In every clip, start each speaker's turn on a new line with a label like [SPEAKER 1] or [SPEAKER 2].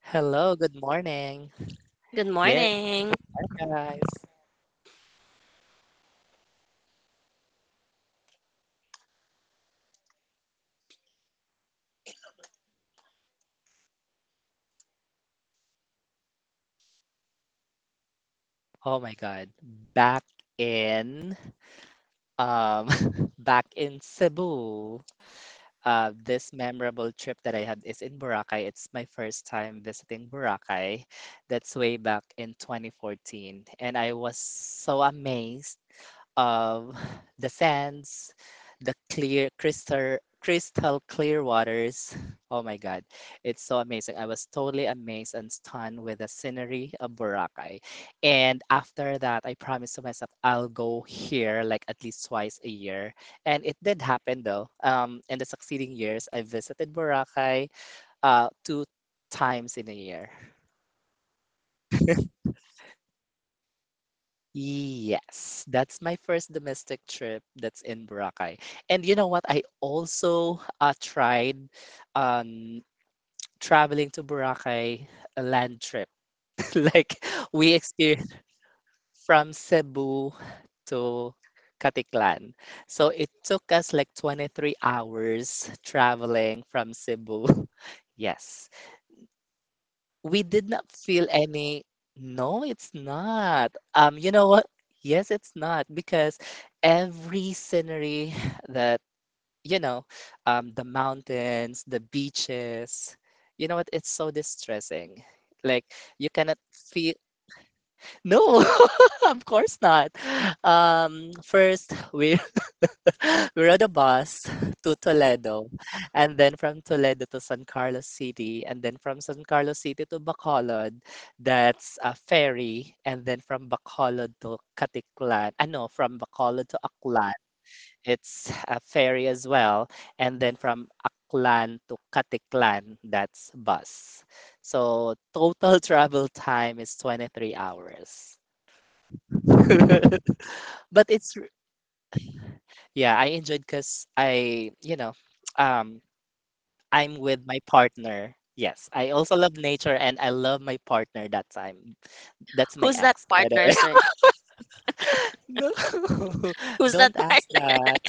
[SPEAKER 1] Hello, good morning.
[SPEAKER 2] Good
[SPEAKER 1] Yeah,
[SPEAKER 2] morning.
[SPEAKER 1] guys. Oh my God. Back in um back in Cebu. This memorable trip that I had is in Boracay. It's my first time visiting Boracay. That's way back in 2014. And I was so amazed, um, the sands, the clear crystal clear waters. Oh my God, it's so amazing. I was totally amazed and stunned with the scenery of Boracay. And after that, I promised to myself I'll go here like at least twice a year. And it did happen though. In the succeeding years, I visited Boracay two times in a year. Yes, that's my first domestic trip, that's in Boracay. And you know what? I also tried um, traveling to Boracay, a land trip. Like we experienced from Cebu to Katiklan. So it took us like 23 hours traveling from Cebu. Yes. We did not feel any, no, it's not, you know what, yes, it's not, because every scenery that, you know the mountains, the beaches, you know what, it's so distressing. Like, you cannot feel, no, of course not. First, we we rode a bus to Toledo, and then from Toledo to San Carlos City, and then from San Carlos City to Bacolod, that's a ferry, and then from Bacolod to Caticlan. Ah, no, from Bacolod to Aklan, it's a ferry as well, and then from Aklan to Caticlan, that's bus. So total travel time is 23 hours. But it's, yeah, I enjoyed because I, um, I'm with my partner. Yes, I also love nature, and I love my partner that time. That's my
[SPEAKER 2] Who's that
[SPEAKER 1] ex, by the
[SPEAKER 2] partner,
[SPEAKER 1] way.
[SPEAKER 2] sir?
[SPEAKER 1] No,
[SPEAKER 2] Who's that
[SPEAKER 1] don't
[SPEAKER 2] part?
[SPEAKER 1] ask that.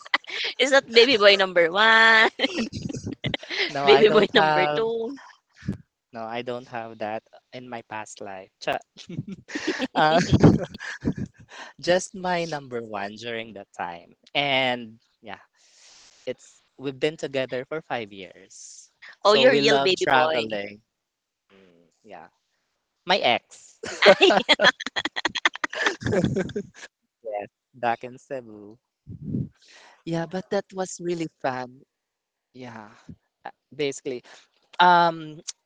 [SPEAKER 2] Is that baby boy number one?
[SPEAKER 1] No, I
[SPEAKER 2] Baby boy
[SPEAKER 1] don't
[SPEAKER 2] number
[SPEAKER 1] have.
[SPEAKER 2] two?
[SPEAKER 1] No, I don't have that in my past life. Uh, just my number one during that time. And yeah, it's we've been together for 5 years.
[SPEAKER 2] Oh,
[SPEAKER 1] So
[SPEAKER 2] you're
[SPEAKER 1] we
[SPEAKER 2] real
[SPEAKER 1] love
[SPEAKER 2] baby boy.
[SPEAKER 1] traveling. Mm, yeah, my ex.
[SPEAKER 2] Ay,
[SPEAKER 1] Yes, back in Cebu. Yeah, but that was really fun. Yeah, basically. Um,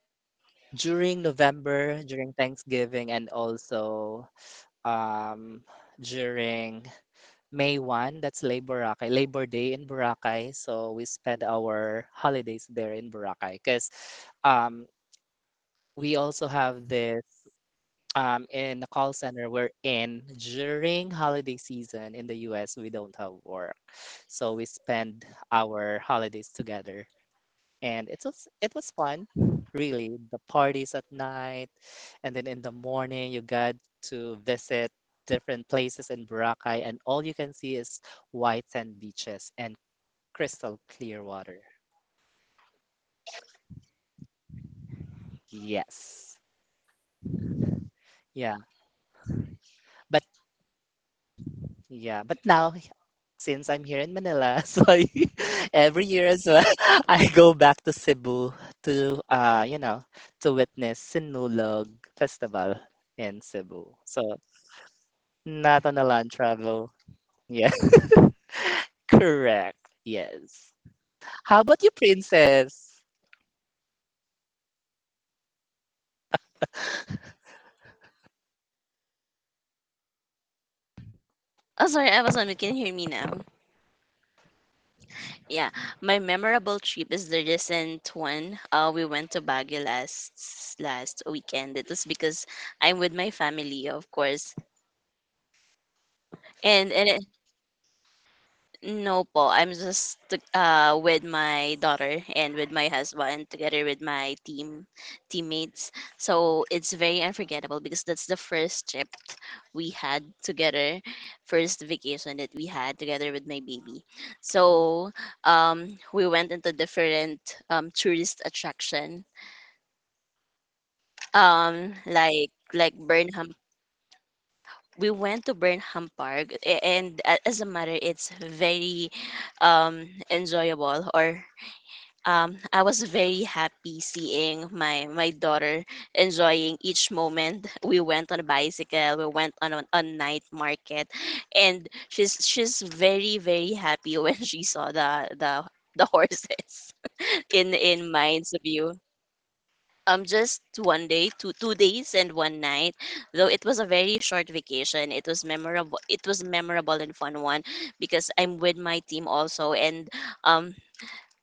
[SPEAKER 1] during November, during Thanksgiving, and also um, during May 1, that's Lay Boracay, Labor Day in Boracay. So we spend our holidays there in Boracay because um, we also have this, in the call center we're in, during holiday season in the US, we don't have work. So we spend our holidays together, and it was fun, really. The parties at night, and then in the morning you got to visit different places in Boracay, and all you can see is white sand beaches and crystal clear water. Yes. Yeah, but yeah, but now since I'm here in Manila so every year as well I go back to Cebu to to witness Sinulog festival in Cebu, so not on a land travel. Yeah. Correct. Yes. How about you, princess?
[SPEAKER 2] oh, sorry, I was on. You can hear me now. Yeah, my memorable trip is the recent one. We went to Baguio last weekend. It was because I'm with my family, of course, and No po, I'm just with my daughter and with my husband together with my teammates. So it's very unforgettable because that's the first trip we had together, first vacation that we had together with my baby. So we went into different tourist attraction, like Burnham. We went to Burnham Park, and as a matter, it's very enjoyable or I was very happy seeing my daughter enjoying each moment. We went on a bicycle, we went on a night market, and she's very happy when she saw the horses in Mind's view. Just one day, two days and one night. Though it was a very short vacation, it was memorable. It was memorable and fun one because I'm with my team also, and um,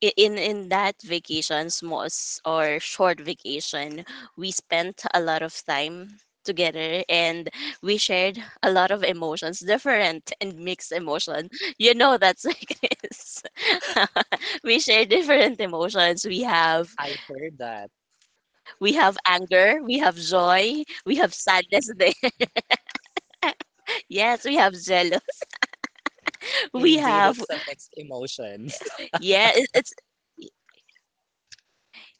[SPEAKER 2] in that vacation, small s- or short vacation, we spent a lot of time together and we shared a lot of emotions, different and mixed emotions. You know that's like this. We share different emotions. We have
[SPEAKER 1] I heard that.
[SPEAKER 2] we have anger, we have joy, we have sadness there. Yes, we have jealous. We
[SPEAKER 1] Indeed,
[SPEAKER 2] have
[SPEAKER 1] it's a mixed emotions.
[SPEAKER 2] yeah, it's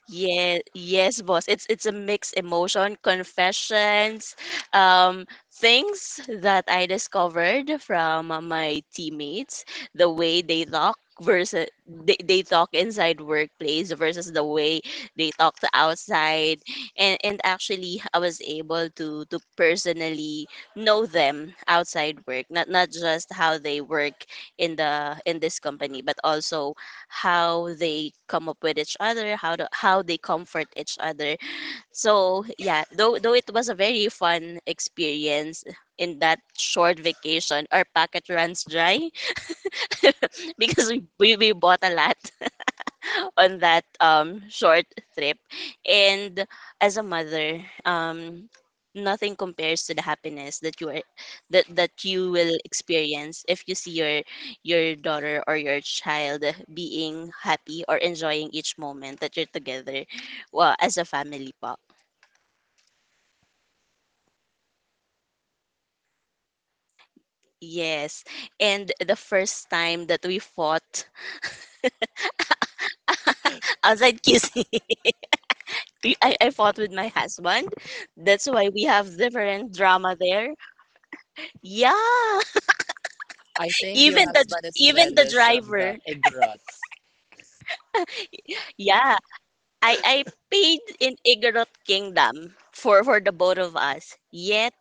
[SPEAKER 2] Yeah, yes, boss. It's a mixed emotion, confessions, um, things that I discovered from my teammates, the way they talk versus they talk inside workplace versus the way they talk to outside. And actually I was able to personally know them outside work, not just how they work in the in this company, but also how they come up with each other, how to, how they comfort each other. So yeah, though it was a very fun experience in that short vacation, our packet runs dry because we bought a lot. On that short trip. And as a mother, nothing compares to the happiness that you are that that you will experience if you see your daughter or your child being happy or enjoying each moment that you're together well, as a family po. Yes. And the first time that we fought outside kissing, I fought with my husband. That's why we have different drama there. Yeah.
[SPEAKER 1] I think your
[SPEAKER 2] Even the
[SPEAKER 1] husband is
[SPEAKER 2] even the
[SPEAKER 1] jealous of the
[SPEAKER 2] driver.
[SPEAKER 1] Egrots.
[SPEAKER 2] Yeah, I paid in Igorot Kingdom for the both of us. Yet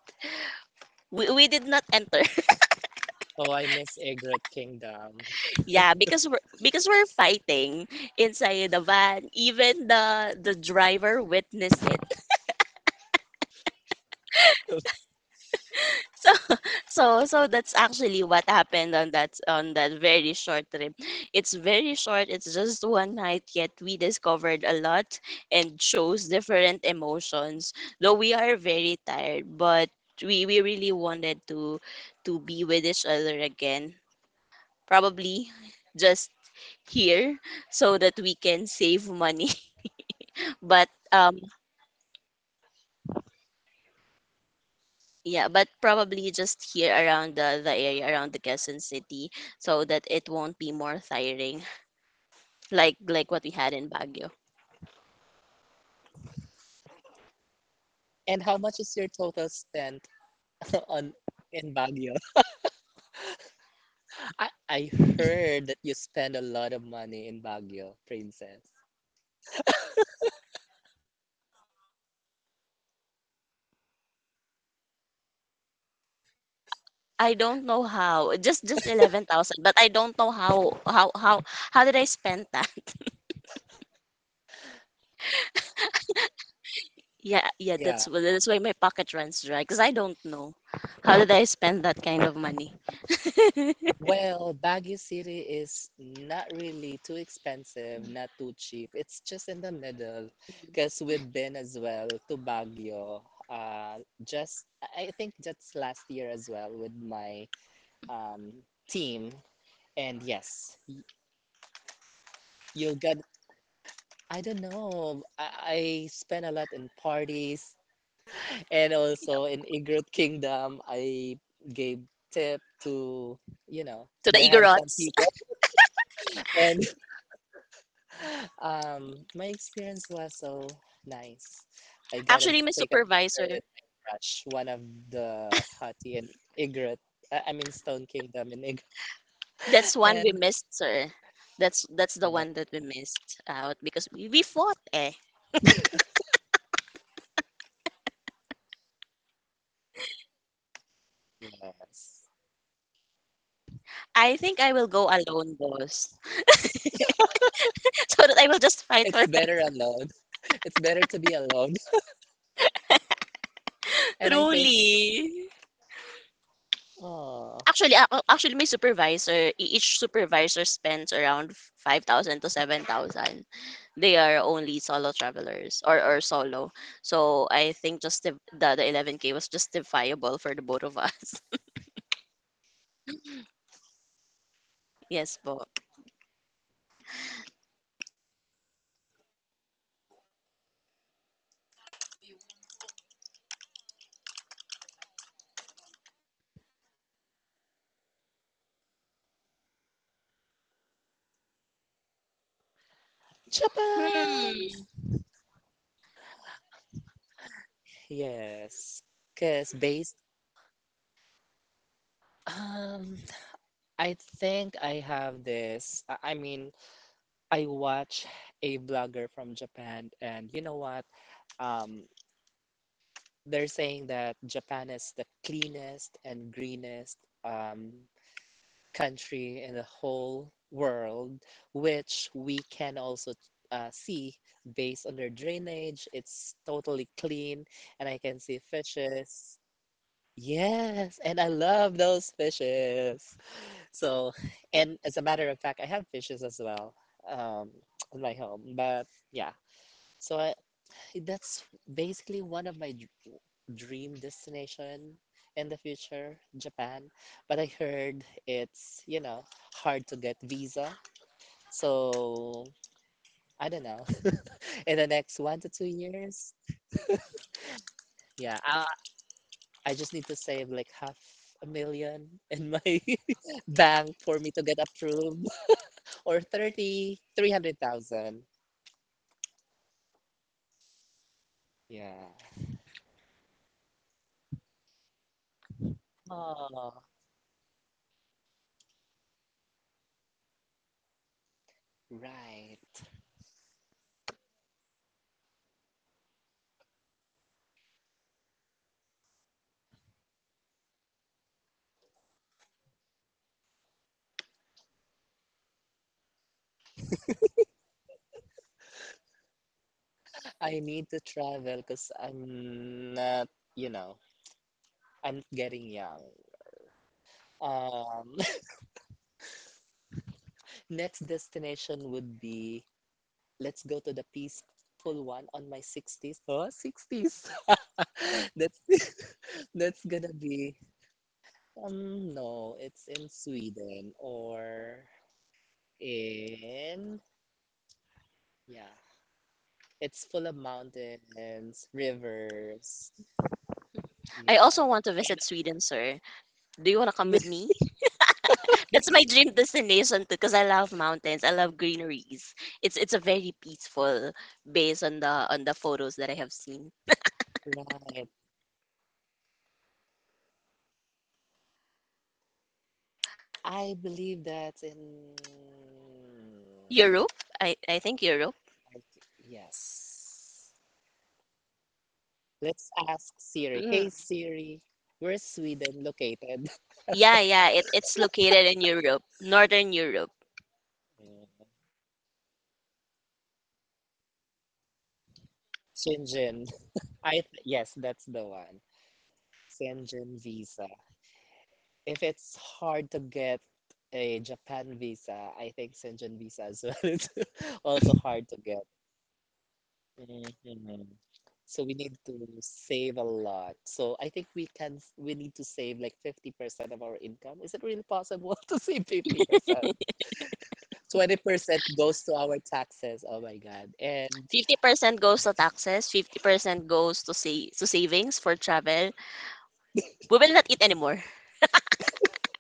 [SPEAKER 2] we did not enter.
[SPEAKER 1] Oh, I miss Egrot Kingdom.
[SPEAKER 2] Yeah, because we're fighting inside the van. Even the driver witnessed it. So so that's actually what happened on that very short trip. It's very short. It's just one night, yet we discovered a lot and chose different emotions. Though we are very tired, but we really wanted to be with each other again. Probably just here so that we can save money. But Yeah, but probably just here around the area around the Quezon City so that it won't be more tiring like what we had in Baguio.
[SPEAKER 1] And how much is your total spent on in Baguio? I heard that you spend a lot of money in Baguio, princess.
[SPEAKER 2] I don't know how. Just 11,000, but I don't know how did I spend that? Yeah, yeah,
[SPEAKER 1] Yeah.
[SPEAKER 2] that's why my pocket runs dry because I don't know how did I spend that kind of money.
[SPEAKER 1] Well, Baguio City is not really too expensive, not too cheap. It's just in the middle. Because we've been as well to Baguio. Uh, just I think just last year as well with my um team. And yes, you'll get. I don't know. I spent a lot in parties and
[SPEAKER 2] You
[SPEAKER 1] also
[SPEAKER 2] know,
[SPEAKER 1] in Igret Kingdom. I gave tip to
[SPEAKER 2] to the
[SPEAKER 1] the handsome
[SPEAKER 2] Igorots.
[SPEAKER 1] people, and my experience was so nice. I gotta
[SPEAKER 2] Actually, my
[SPEAKER 1] take a picture
[SPEAKER 2] supervisor,
[SPEAKER 1] with my crush, one of the Hati and Igret. I mean Stone Kingdom and Igret.
[SPEAKER 2] that's one we
[SPEAKER 1] And
[SPEAKER 2] missed, sir. That's the
[SPEAKER 1] oh,
[SPEAKER 2] one that we missed out because we fought eh
[SPEAKER 1] yes,
[SPEAKER 2] I think I will go alone, boss. So that I will just fight for
[SPEAKER 1] it's
[SPEAKER 2] my
[SPEAKER 1] better alone. It's better to be alone. And I think,
[SPEAKER 2] truly.
[SPEAKER 1] oh,
[SPEAKER 2] Actually, my supervisor, each supervisor spends around 5,000 to 7,000. They are only solo travelers or solo. So I think just the 11K was justifiable for the both of us. Yes, po.
[SPEAKER 1] Japan.
[SPEAKER 2] Hmm.
[SPEAKER 1] Yes, because based, um, I think I have this. I mean. I watch a blogger from Japan, and you know what? Um, they're saying that Japan is the cleanest and greenest um, country in the whole world, which we can also see based on their drainage. It's totally clean, and I can see fishes. Yes, and I love those fishes. So, and as a matter of fact, I have fishes as well, um, in my home, but yeah. So I, that's basically one of my dream destination in the future, Japan. But I heard it's, you know, hard to get visa. So I don't know. In the next 1 to 2 years, yeah, I just need to save like half a million in my bank for me to get approved, or thirty three hundred thousand. Yeah. Oh, right. I need to travel because I'm not, you know, I'm not getting young. Um, next destination would be, let's go to the peaceful one on my 60s. Oh, 60s. That's that's gonna be, no, it's in Sweden or in, yeah. It's full of mountains, rivers.
[SPEAKER 2] I
[SPEAKER 1] Yeah.
[SPEAKER 2] also want to visit Sweden, sir. Do you want to come
[SPEAKER 1] And
[SPEAKER 2] with me? That's my dream destination too, because I love mountains. I love greeneries. It's a very peaceful based on the photos that I have seen.
[SPEAKER 1] right. I believe that in
[SPEAKER 2] Europe, I think Europe.
[SPEAKER 1] like, yes. Let's ask Siri.
[SPEAKER 2] Mm.
[SPEAKER 1] Hey Siri, where's Sweden located?
[SPEAKER 2] Yeah, yeah. It's located in Europe, Northern Europe.
[SPEAKER 1] Shenzhen. Yes, that's the one. Shenzhen visa. If it's hard to get a Japan visa, I think Shenzhen visa as well is also hard to get. Mhm. So we need to save a lot. So I think we need to save like 50% of our income. Is it really possible to save 50%? 20% goes to our taxes. Oh my God. And
[SPEAKER 2] 50% goes to taxes. 50% goes to savings for travel. We will not eat anymore.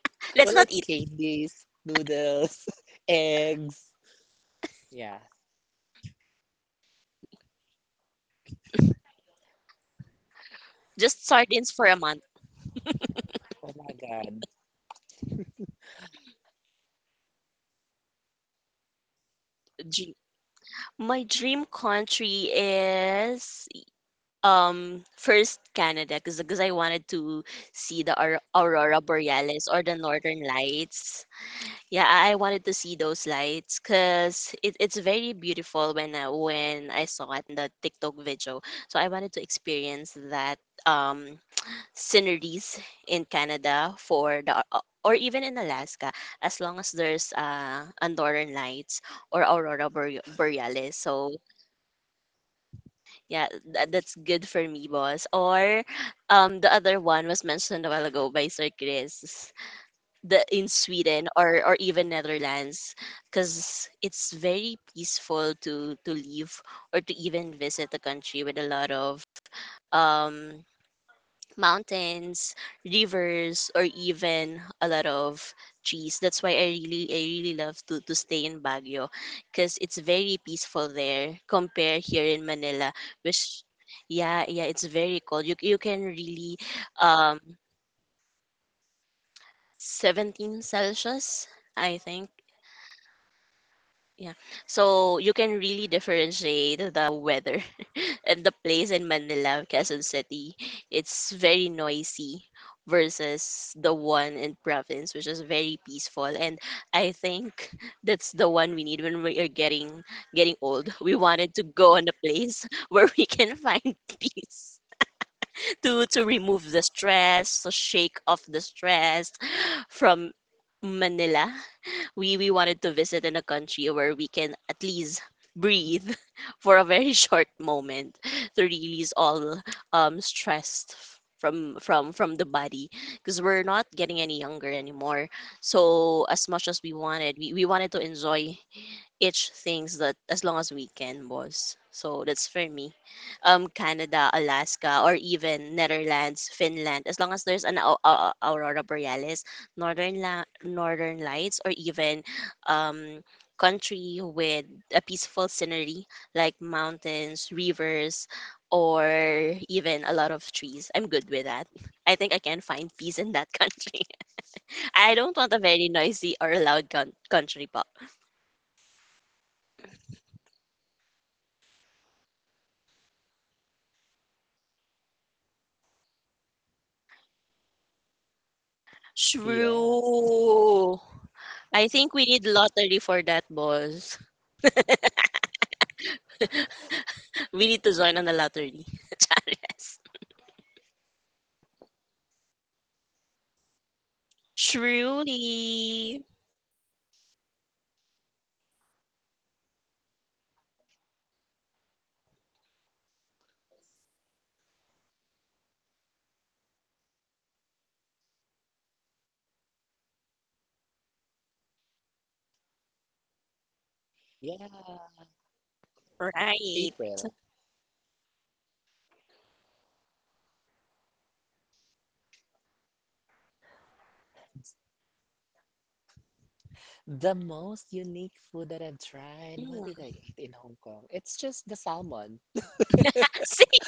[SPEAKER 2] Let's
[SPEAKER 1] well, it
[SPEAKER 2] not eat.
[SPEAKER 1] candies, noodles, eggs. Yeah.
[SPEAKER 2] Just sardines for a month.
[SPEAKER 1] Oh my God.
[SPEAKER 2] Dr- My dream country is first Canada because I wanted to see the aurora borealis or the northern lights. Yeah, I wanted to see those lights because it's very beautiful when when I saw it in the TikTok video. So I wanted to experience that um sceneries in Canada for the au- au- or even in Alaska as long as there's a northern lights or borealis. So yeah, that's good for me, boss. Or the other one was mentioned a while ago by Sir Chris, the in Sweden or even Netherlands, because it's very peaceful to leave or to even visit a country with a lot of um mountains, rivers, or even a lot of trees. That's why I really love to stay in Baguio because it's very peaceful there compared here in Manila, which yeah, yeah, it's very cold. You can really um 17 Celsius, I think. Yeah. So you can really differentiate the weather and the place in Manila, Quezon City. It's very noisy versus the one in province, which is very peaceful. And I think that's the one we need when we are getting old. We wanted to go on a place where we can find peace. To remove the stress, to shake off the stress from Manila. We wanted to visit in a country where we can at least breathe for a very short moment to release all stress from from the body because we're not getting any younger anymore so as much as we wanted we wanted to enjoy each things that as long as we can, boss. So that's for me. Canada, Alaska, or even Netherlands, Finland, as long as there's an aurora borealis, northern lights, or even um country with a peaceful scenery like mountains, rivers, or even a lot of trees. I'm good with that. I think I can find peace in that country. I don't want a very noisy or loud country,
[SPEAKER 1] Yes.
[SPEAKER 2] True. I think we need lottery for that, boss. We need to join on the lottery. Charles. Truly.
[SPEAKER 1] Yeah.
[SPEAKER 2] Right.
[SPEAKER 1] April. The most unique food that I've tried. What did
[SPEAKER 2] Mm.
[SPEAKER 1] I eat in Hong Kong? It's just the salmon.
[SPEAKER 2] See,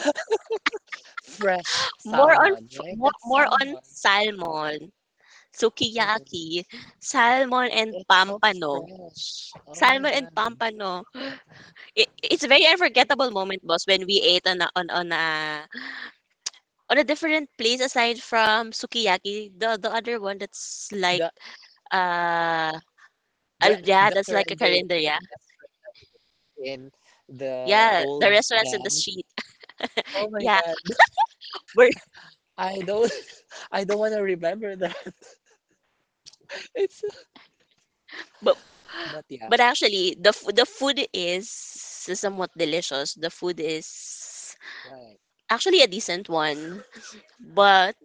[SPEAKER 1] Fresh
[SPEAKER 2] more on
[SPEAKER 1] salmon, right? That's
[SPEAKER 2] more on
[SPEAKER 1] salmon.
[SPEAKER 2] salmon,
[SPEAKER 1] Mhm.
[SPEAKER 2] sukiyaki, salmon and
[SPEAKER 1] It's so
[SPEAKER 2] pampano.
[SPEAKER 1] fresh. Oh my
[SPEAKER 2] Salmon and
[SPEAKER 1] God.
[SPEAKER 2] pampano. It's a very unforgettable moment, boss, when we ate on a, on a on a different place aside from sukiyaki. The other one that's like
[SPEAKER 1] The
[SPEAKER 2] uh,
[SPEAKER 1] the
[SPEAKER 2] yeah,
[SPEAKER 1] the
[SPEAKER 2] that's like a
[SPEAKER 1] rendering
[SPEAKER 2] calendar, yeah.
[SPEAKER 1] in the
[SPEAKER 2] Yeah, the
[SPEAKER 1] old
[SPEAKER 2] restaurants in the
[SPEAKER 1] man.
[SPEAKER 2] street.
[SPEAKER 1] Oh my
[SPEAKER 2] Yeah,
[SPEAKER 1] God.
[SPEAKER 2] we're
[SPEAKER 1] I don't I don't want to remember that. It's
[SPEAKER 2] but
[SPEAKER 1] but yeah,
[SPEAKER 2] but actually the food is somewhat delicious. The food is
[SPEAKER 1] right.
[SPEAKER 2] actually a decent one, but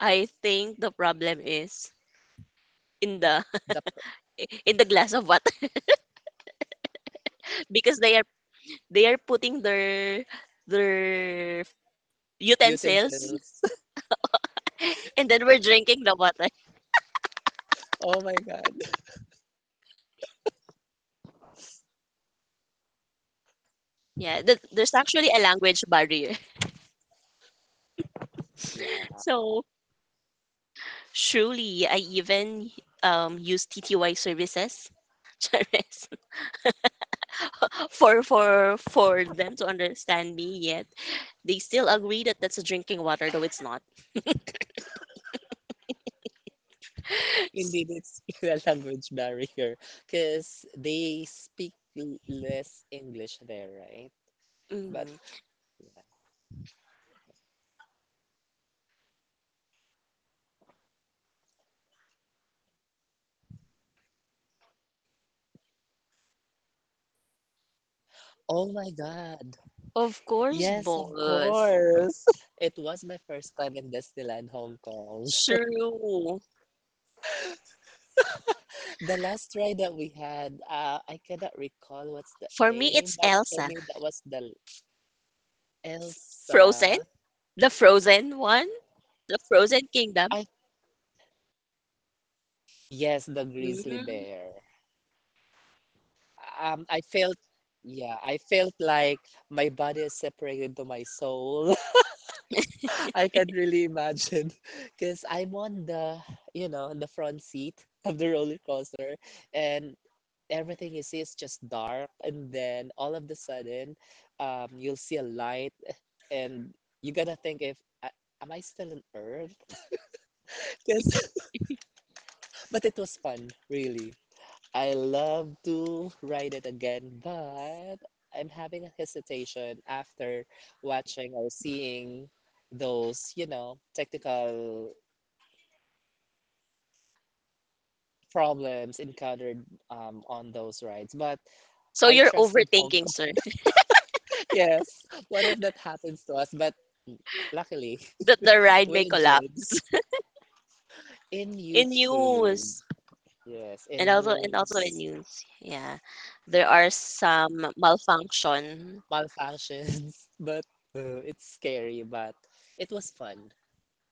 [SPEAKER 2] I think the problem is in the
[SPEAKER 1] The
[SPEAKER 2] in the glass of water because they are putting their their utensils
[SPEAKER 1] utensils.
[SPEAKER 2] and then we're drinking the water.
[SPEAKER 1] Oh my God.
[SPEAKER 2] Yeah, there's actually a language barrier.
[SPEAKER 1] Yeah.
[SPEAKER 2] So Surely, I even use TTY services. Charest, for them to understand me yet they still agree that that's a drinking water though it's not
[SPEAKER 1] Indeed, it's a language barrier because they speak less English there, right? But
[SPEAKER 2] Mm.
[SPEAKER 1] yeah. Oh my God.
[SPEAKER 2] Of course,
[SPEAKER 1] Yes, of
[SPEAKER 2] boss.
[SPEAKER 1] course. It was my first time in Disneyland Hong Kong.
[SPEAKER 2] True.
[SPEAKER 1] The last ride that we had, I cannot recall what's the
[SPEAKER 2] For me,
[SPEAKER 1] name,
[SPEAKER 2] it's
[SPEAKER 1] but for
[SPEAKER 2] Elsa.
[SPEAKER 1] me that was the
[SPEAKER 2] Frozen?
[SPEAKER 1] Elsa.
[SPEAKER 2] The Frozen one? The Frozen Kingdom?
[SPEAKER 1] I yes, the grizzly
[SPEAKER 2] Mm.
[SPEAKER 1] bear. I felt, yeah, I felt like my body is separated to my soul. I can really imagine because I'm on the, you know, on the front seat of the roller coaster, and everything you see is just dark, and then all of the sudden you'll see a light, and you're gonna think if am I still on earth? Yes, but it was fun, really. I love to ride it again, but I'm having a hesitation after watching or seeing those, you know, technical problems encountered on those rides, but
[SPEAKER 2] So
[SPEAKER 1] I
[SPEAKER 2] you're
[SPEAKER 1] trusted Hong.
[SPEAKER 2] overthinking, sir,
[SPEAKER 1] Yes. What if that happens to us? But luckily,
[SPEAKER 2] that the ride may
[SPEAKER 1] we enjoyed
[SPEAKER 2] collapse.
[SPEAKER 1] in
[SPEAKER 2] In
[SPEAKER 1] YouTube.
[SPEAKER 2] news,
[SPEAKER 1] Yes,
[SPEAKER 2] And
[SPEAKER 1] in
[SPEAKER 2] also and also in
[SPEAKER 1] news.
[SPEAKER 2] news, yeah, there are
[SPEAKER 1] Yeah,
[SPEAKER 2] some malfunction.
[SPEAKER 1] malfunctions. But it's scary, but it was fun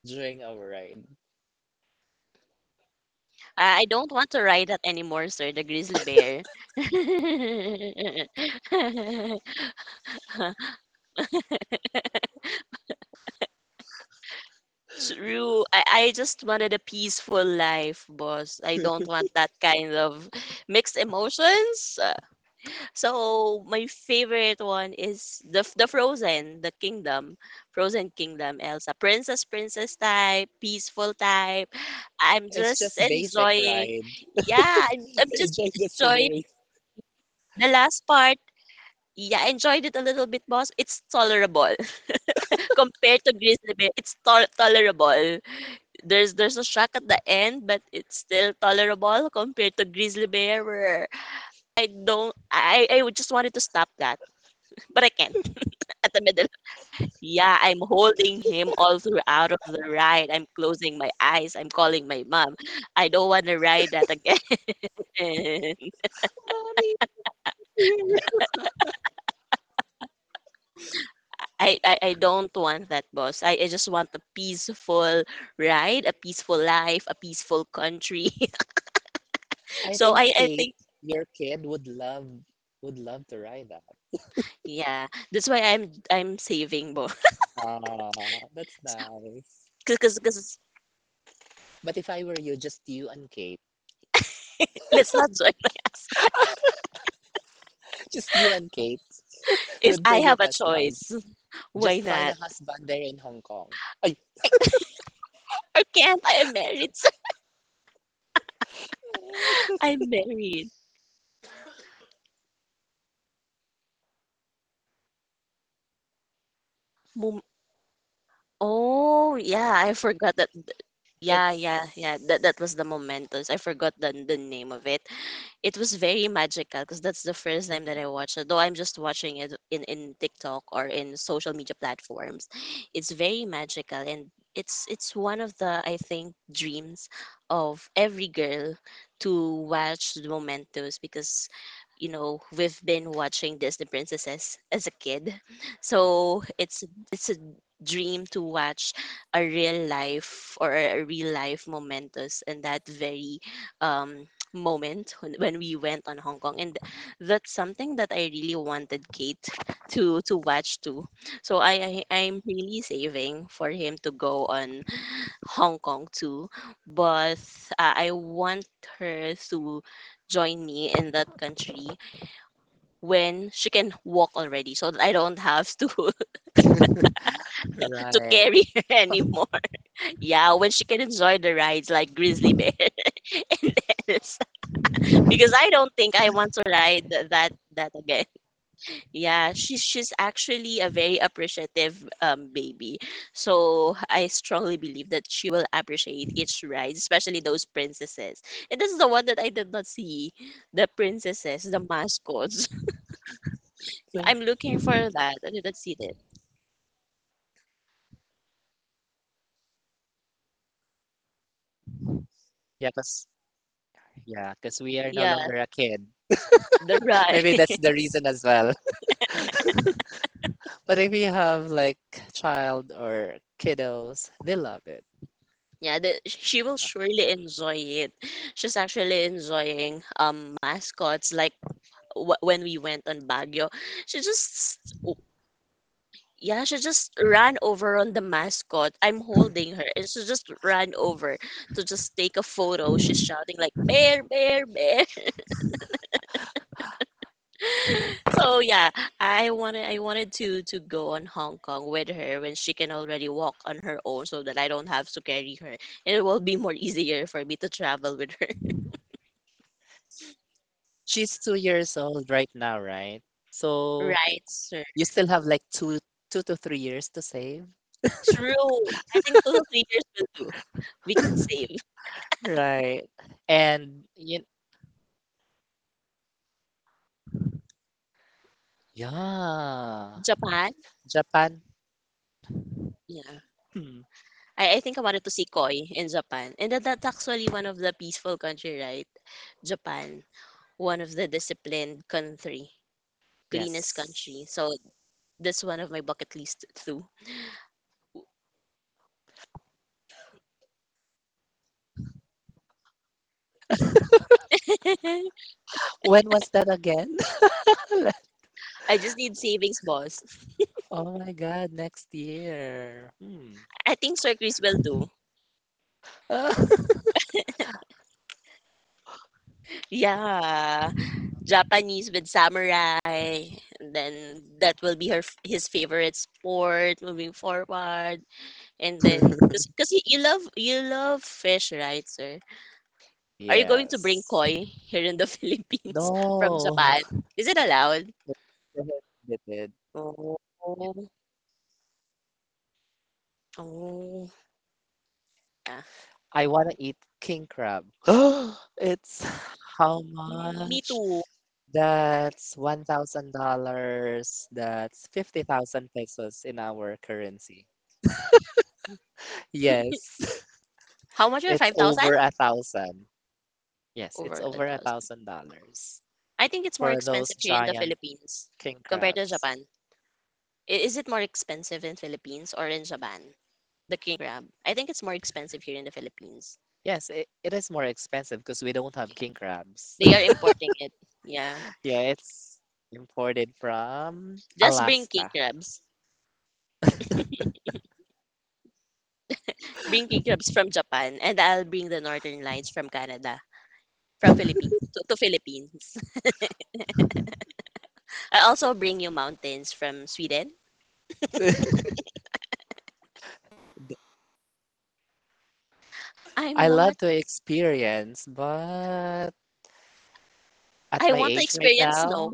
[SPEAKER 1] during our ride.
[SPEAKER 2] I don't want to ride that anymore, sir. The grizzly bear. True. I just wanted a peaceful life, boss. I don't want that kind of mixed emotions. So my favorite one is the Frozen, the Kingdom, Frozen Kingdom, Elsa, Princess, Princess type, peaceful type. I'm
[SPEAKER 1] It's
[SPEAKER 2] just
[SPEAKER 1] just basic
[SPEAKER 2] enjoying.
[SPEAKER 1] ride.
[SPEAKER 2] Yeah, I'm just
[SPEAKER 1] Enjoy the
[SPEAKER 2] enjoying
[SPEAKER 1] scenery.
[SPEAKER 2] the last part. Yeah, I enjoyed it a little bit, boss. It's tolerable compared to Grizzly Bear. It's tolerable. There's a shock at the end, but it's still tolerable compared to Grizzly Bear, where I don't. I would just wanted to stop that, but I can't. At the middle. Yeah, I'm holding him all throughout of the ride. I'm closing my eyes. I'm calling my mom. I don't want to ride that again.
[SPEAKER 1] Mommy, here.
[SPEAKER 2] I don't want that, boss. I just want a peaceful ride, a peaceful life, a peaceful country.
[SPEAKER 1] I
[SPEAKER 2] so
[SPEAKER 1] think
[SPEAKER 2] I, I
[SPEAKER 1] Kate,
[SPEAKER 2] think,
[SPEAKER 1] your kid, would love to ride that.
[SPEAKER 2] yeah, that's why I'm saving, boss.
[SPEAKER 1] Ah, that's nice.
[SPEAKER 2] Because
[SPEAKER 1] But if I were you, just you and Kate.
[SPEAKER 2] let's not join us.
[SPEAKER 1] Just you and Kate.
[SPEAKER 2] If
[SPEAKER 1] Don't
[SPEAKER 2] I
[SPEAKER 1] bring your
[SPEAKER 2] have a
[SPEAKER 1] husband.
[SPEAKER 2] choice, why
[SPEAKER 1] Just find
[SPEAKER 2] not?
[SPEAKER 1] a husband there in Hong Kong. Ay.
[SPEAKER 2] Or can't I am married? I'm married. Oh, yeah, I forgot that. Yeah,
[SPEAKER 1] It's
[SPEAKER 2] yeah, yeah. That was the momentous. I forgot the name of it. It was very magical because that's the first time that I watched it. Though I'm just watching it in TikTok or in social media platforms, it's very magical and it's one of the I think dreams of every girl to watch the momentous because we've been watching Disney princesses as a kid, so it's a dream to watch a real life or a real life momentous and that very um, moment when we went on Hong Kong. And that's something that I really wanted Kate to watch too. So I'm really saving for him to go on Hong Kong too, but I want her to join me in that country when she can walk already so that I don't have to to
[SPEAKER 1] right.
[SPEAKER 2] carry her anymore. Yeah, when she can enjoy the rides like grizzly bear and elves. Because I don't think I want to ride that again. Yeah, she's actually a very appreciative baby. So I strongly believe that she will appreciate each ride, especially those princesses. And this is the one that I did not see. The princesses, the mascots. I'm looking for that. I didn't see that.
[SPEAKER 1] Yeah, cause yeah, cause we are no
[SPEAKER 2] Yeah,
[SPEAKER 1] longer a kid.
[SPEAKER 2] the ride.
[SPEAKER 1] Maybe that's the reason as well. But if you have like child or kiddos, they love it.
[SPEAKER 2] Yeah, she will
[SPEAKER 1] Yeah.
[SPEAKER 2] surely enjoy it. She's actually enjoying mascots like when we went on Baguio. She just yeah, she just ran over on the mascot. I'm holding her and she just ran over to just take a photo. She's shouting like bear, bear, bear. So yeah, I wanted to go on Hong Kong with her when she can already walk on her own so that I don't have to carry her. It will be more easier for me to travel with her.
[SPEAKER 1] She's 2 years old right now, right? So
[SPEAKER 2] Right, sir.
[SPEAKER 1] you still have like 2 to 3 years to save,
[SPEAKER 2] True. I think 2 to 3 years will do. We can save.
[SPEAKER 1] right? And you, yeah,
[SPEAKER 2] Japan?
[SPEAKER 1] Japan?
[SPEAKER 2] Yeah.
[SPEAKER 1] Hmm,
[SPEAKER 2] I think I wanted to see Koi in Japan. And that's actually one of the peaceful country, right? Japan. One of the disciplined country. Cleanest country.
[SPEAKER 1] yes.
[SPEAKER 2] So that's one of my bucket list too.
[SPEAKER 1] When was that again?
[SPEAKER 2] I just need savings, boss.
[SPEAKER 1] Oh my God, next year. Hmm.
[SPEAKER 2] I think Sir Chris will do. Yeah. Japanese with samurai. And then that will be her his favorite sport moving forward. And then, because you love fish, right, sir? Are you going to bring
[SPEAKER 1] Yes.
[SPEAKER 2] koi here in the Philippines from
[SPEAKER 1] No.
[SPEAKER 2] Japan? Is it allowed?
[SPEAKER 1] Prohibited.
[SPEAKER 2] Oh,
[SPEAKER 1] Yeah.
[SPEAKER 2] oh, yeah.
[SPEAKER 1] I want to eat king crab. It's how
[SPEAKER 2] Mm, me
[SPEAKER 1] much?
[SPEAKER 2] too.
[SPEAKER 1] That's $1,000. That's 50,000 pesos in our currency. Yes.
[SPEAKER 2] How much are
[SPEAKER 1] It's
[SPEAKER 2] 5,000?
[SPEAKER 1] over a thousand. Yes, it's
[SPEAKER 2] Over a
[SPEAKER 1] over a
[SPEAKER 2] thousand.
[SPEAKER 1] thousand dollars
[SPEAKER 2] I think it's more
[SPEAKER 1] for those
[SPEAKER 2] expensive here in the
[SPEAKER 1] giant
[SPEAKER 2] Philippines
[SPEAKER 1] king
[SPEAKER 2] compared to
[SPEAKER 1] crabs.
[SPEAKER 2] Japan. Is it more expensive in Philippines or in Japan? The king crab. I think it's more expensive here in the Philippines.
[SPEAKER 1] Yes, it is more expensive because we don't have king crabs.
[SPEAKER 2] They are importing it. Yeah.
[SPEAKER 1] Yeah, it's imported from
[SPEAKER 2] Just bring king
[SPEAKER 1] Alaska.
[SPEAKER 2] crabs. Bring king crabs from Japan, and I'll bring the northern lines from Canada, from Philippines to Philippines. I also bring you mountains from Sweden. I'm
[SPEAKER 1] I
[SPEAKER 2] not.
[SPEAKER 1] love to experience, but at
[SPEAKER 2] I
[SPEAKER 1] my
[SPEAKER 2] want to
[SPEAKER 1] age right
[SPEAKER 2] experience snow,
[SPEAKER 1] now,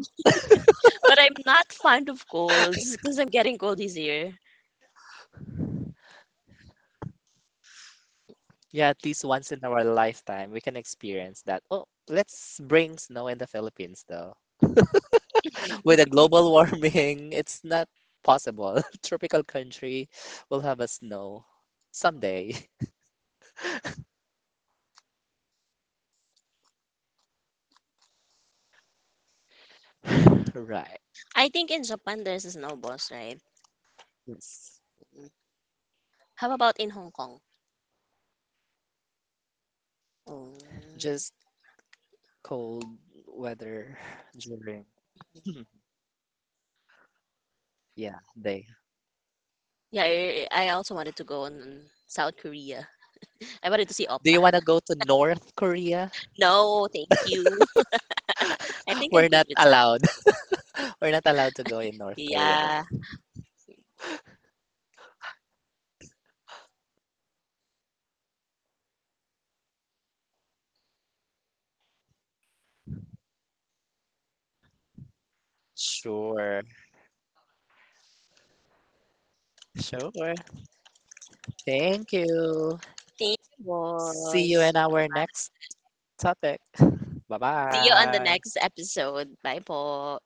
[SPEAKER 2] but I'm not fond of colds because I'm getting cold this year.
[SPEAKER 1] yeah, at least once in our lifetime, we can experience that. Oh, let's bring snow in the Philippines though. With the global warming, it's not possible. Tropical country will have a snow someday. Right.
[SPEAKER 2] I think in Japan there's a snow boss, right?
[SPEAKER 1] Yes.
[SPEAKER 2] Mm. How about in Hong Kong? Oh.
[SPEAKER 1] Just cold weather during. Hmm. Yeah, they.
[SPEAKER 2] Yeah, I also wanted to go on South Korea. I wanted to see
[SPEAKER 1] Do
[SPEAKER 2] Oppa.
[SPEAKER 1] you want to go to North Korea?
[SPEAKER 2] No, thank you. I think I'm
[SPEAKER 1] We're
[SPEAKER 2] good
[SPEAKER 1] not
[SPEAKER 2] with some.
[SPEAKER 1] allowed. We're not allowed to go in North Korea
[SPEAKER 2] Yeah.
[SPEAKER 1] though. Sure. Sure. Thank you.
[SPEAKER 2] Thank you,
[SPEAKER 1] See you
[SPEAKER 2] boss.
[SPEAKER 1] in our next topic.
[SPEAKER 2] See you on the
[SPEAKER 1] Bye-bye.
[SPEAKER 2] next episode. Bye po.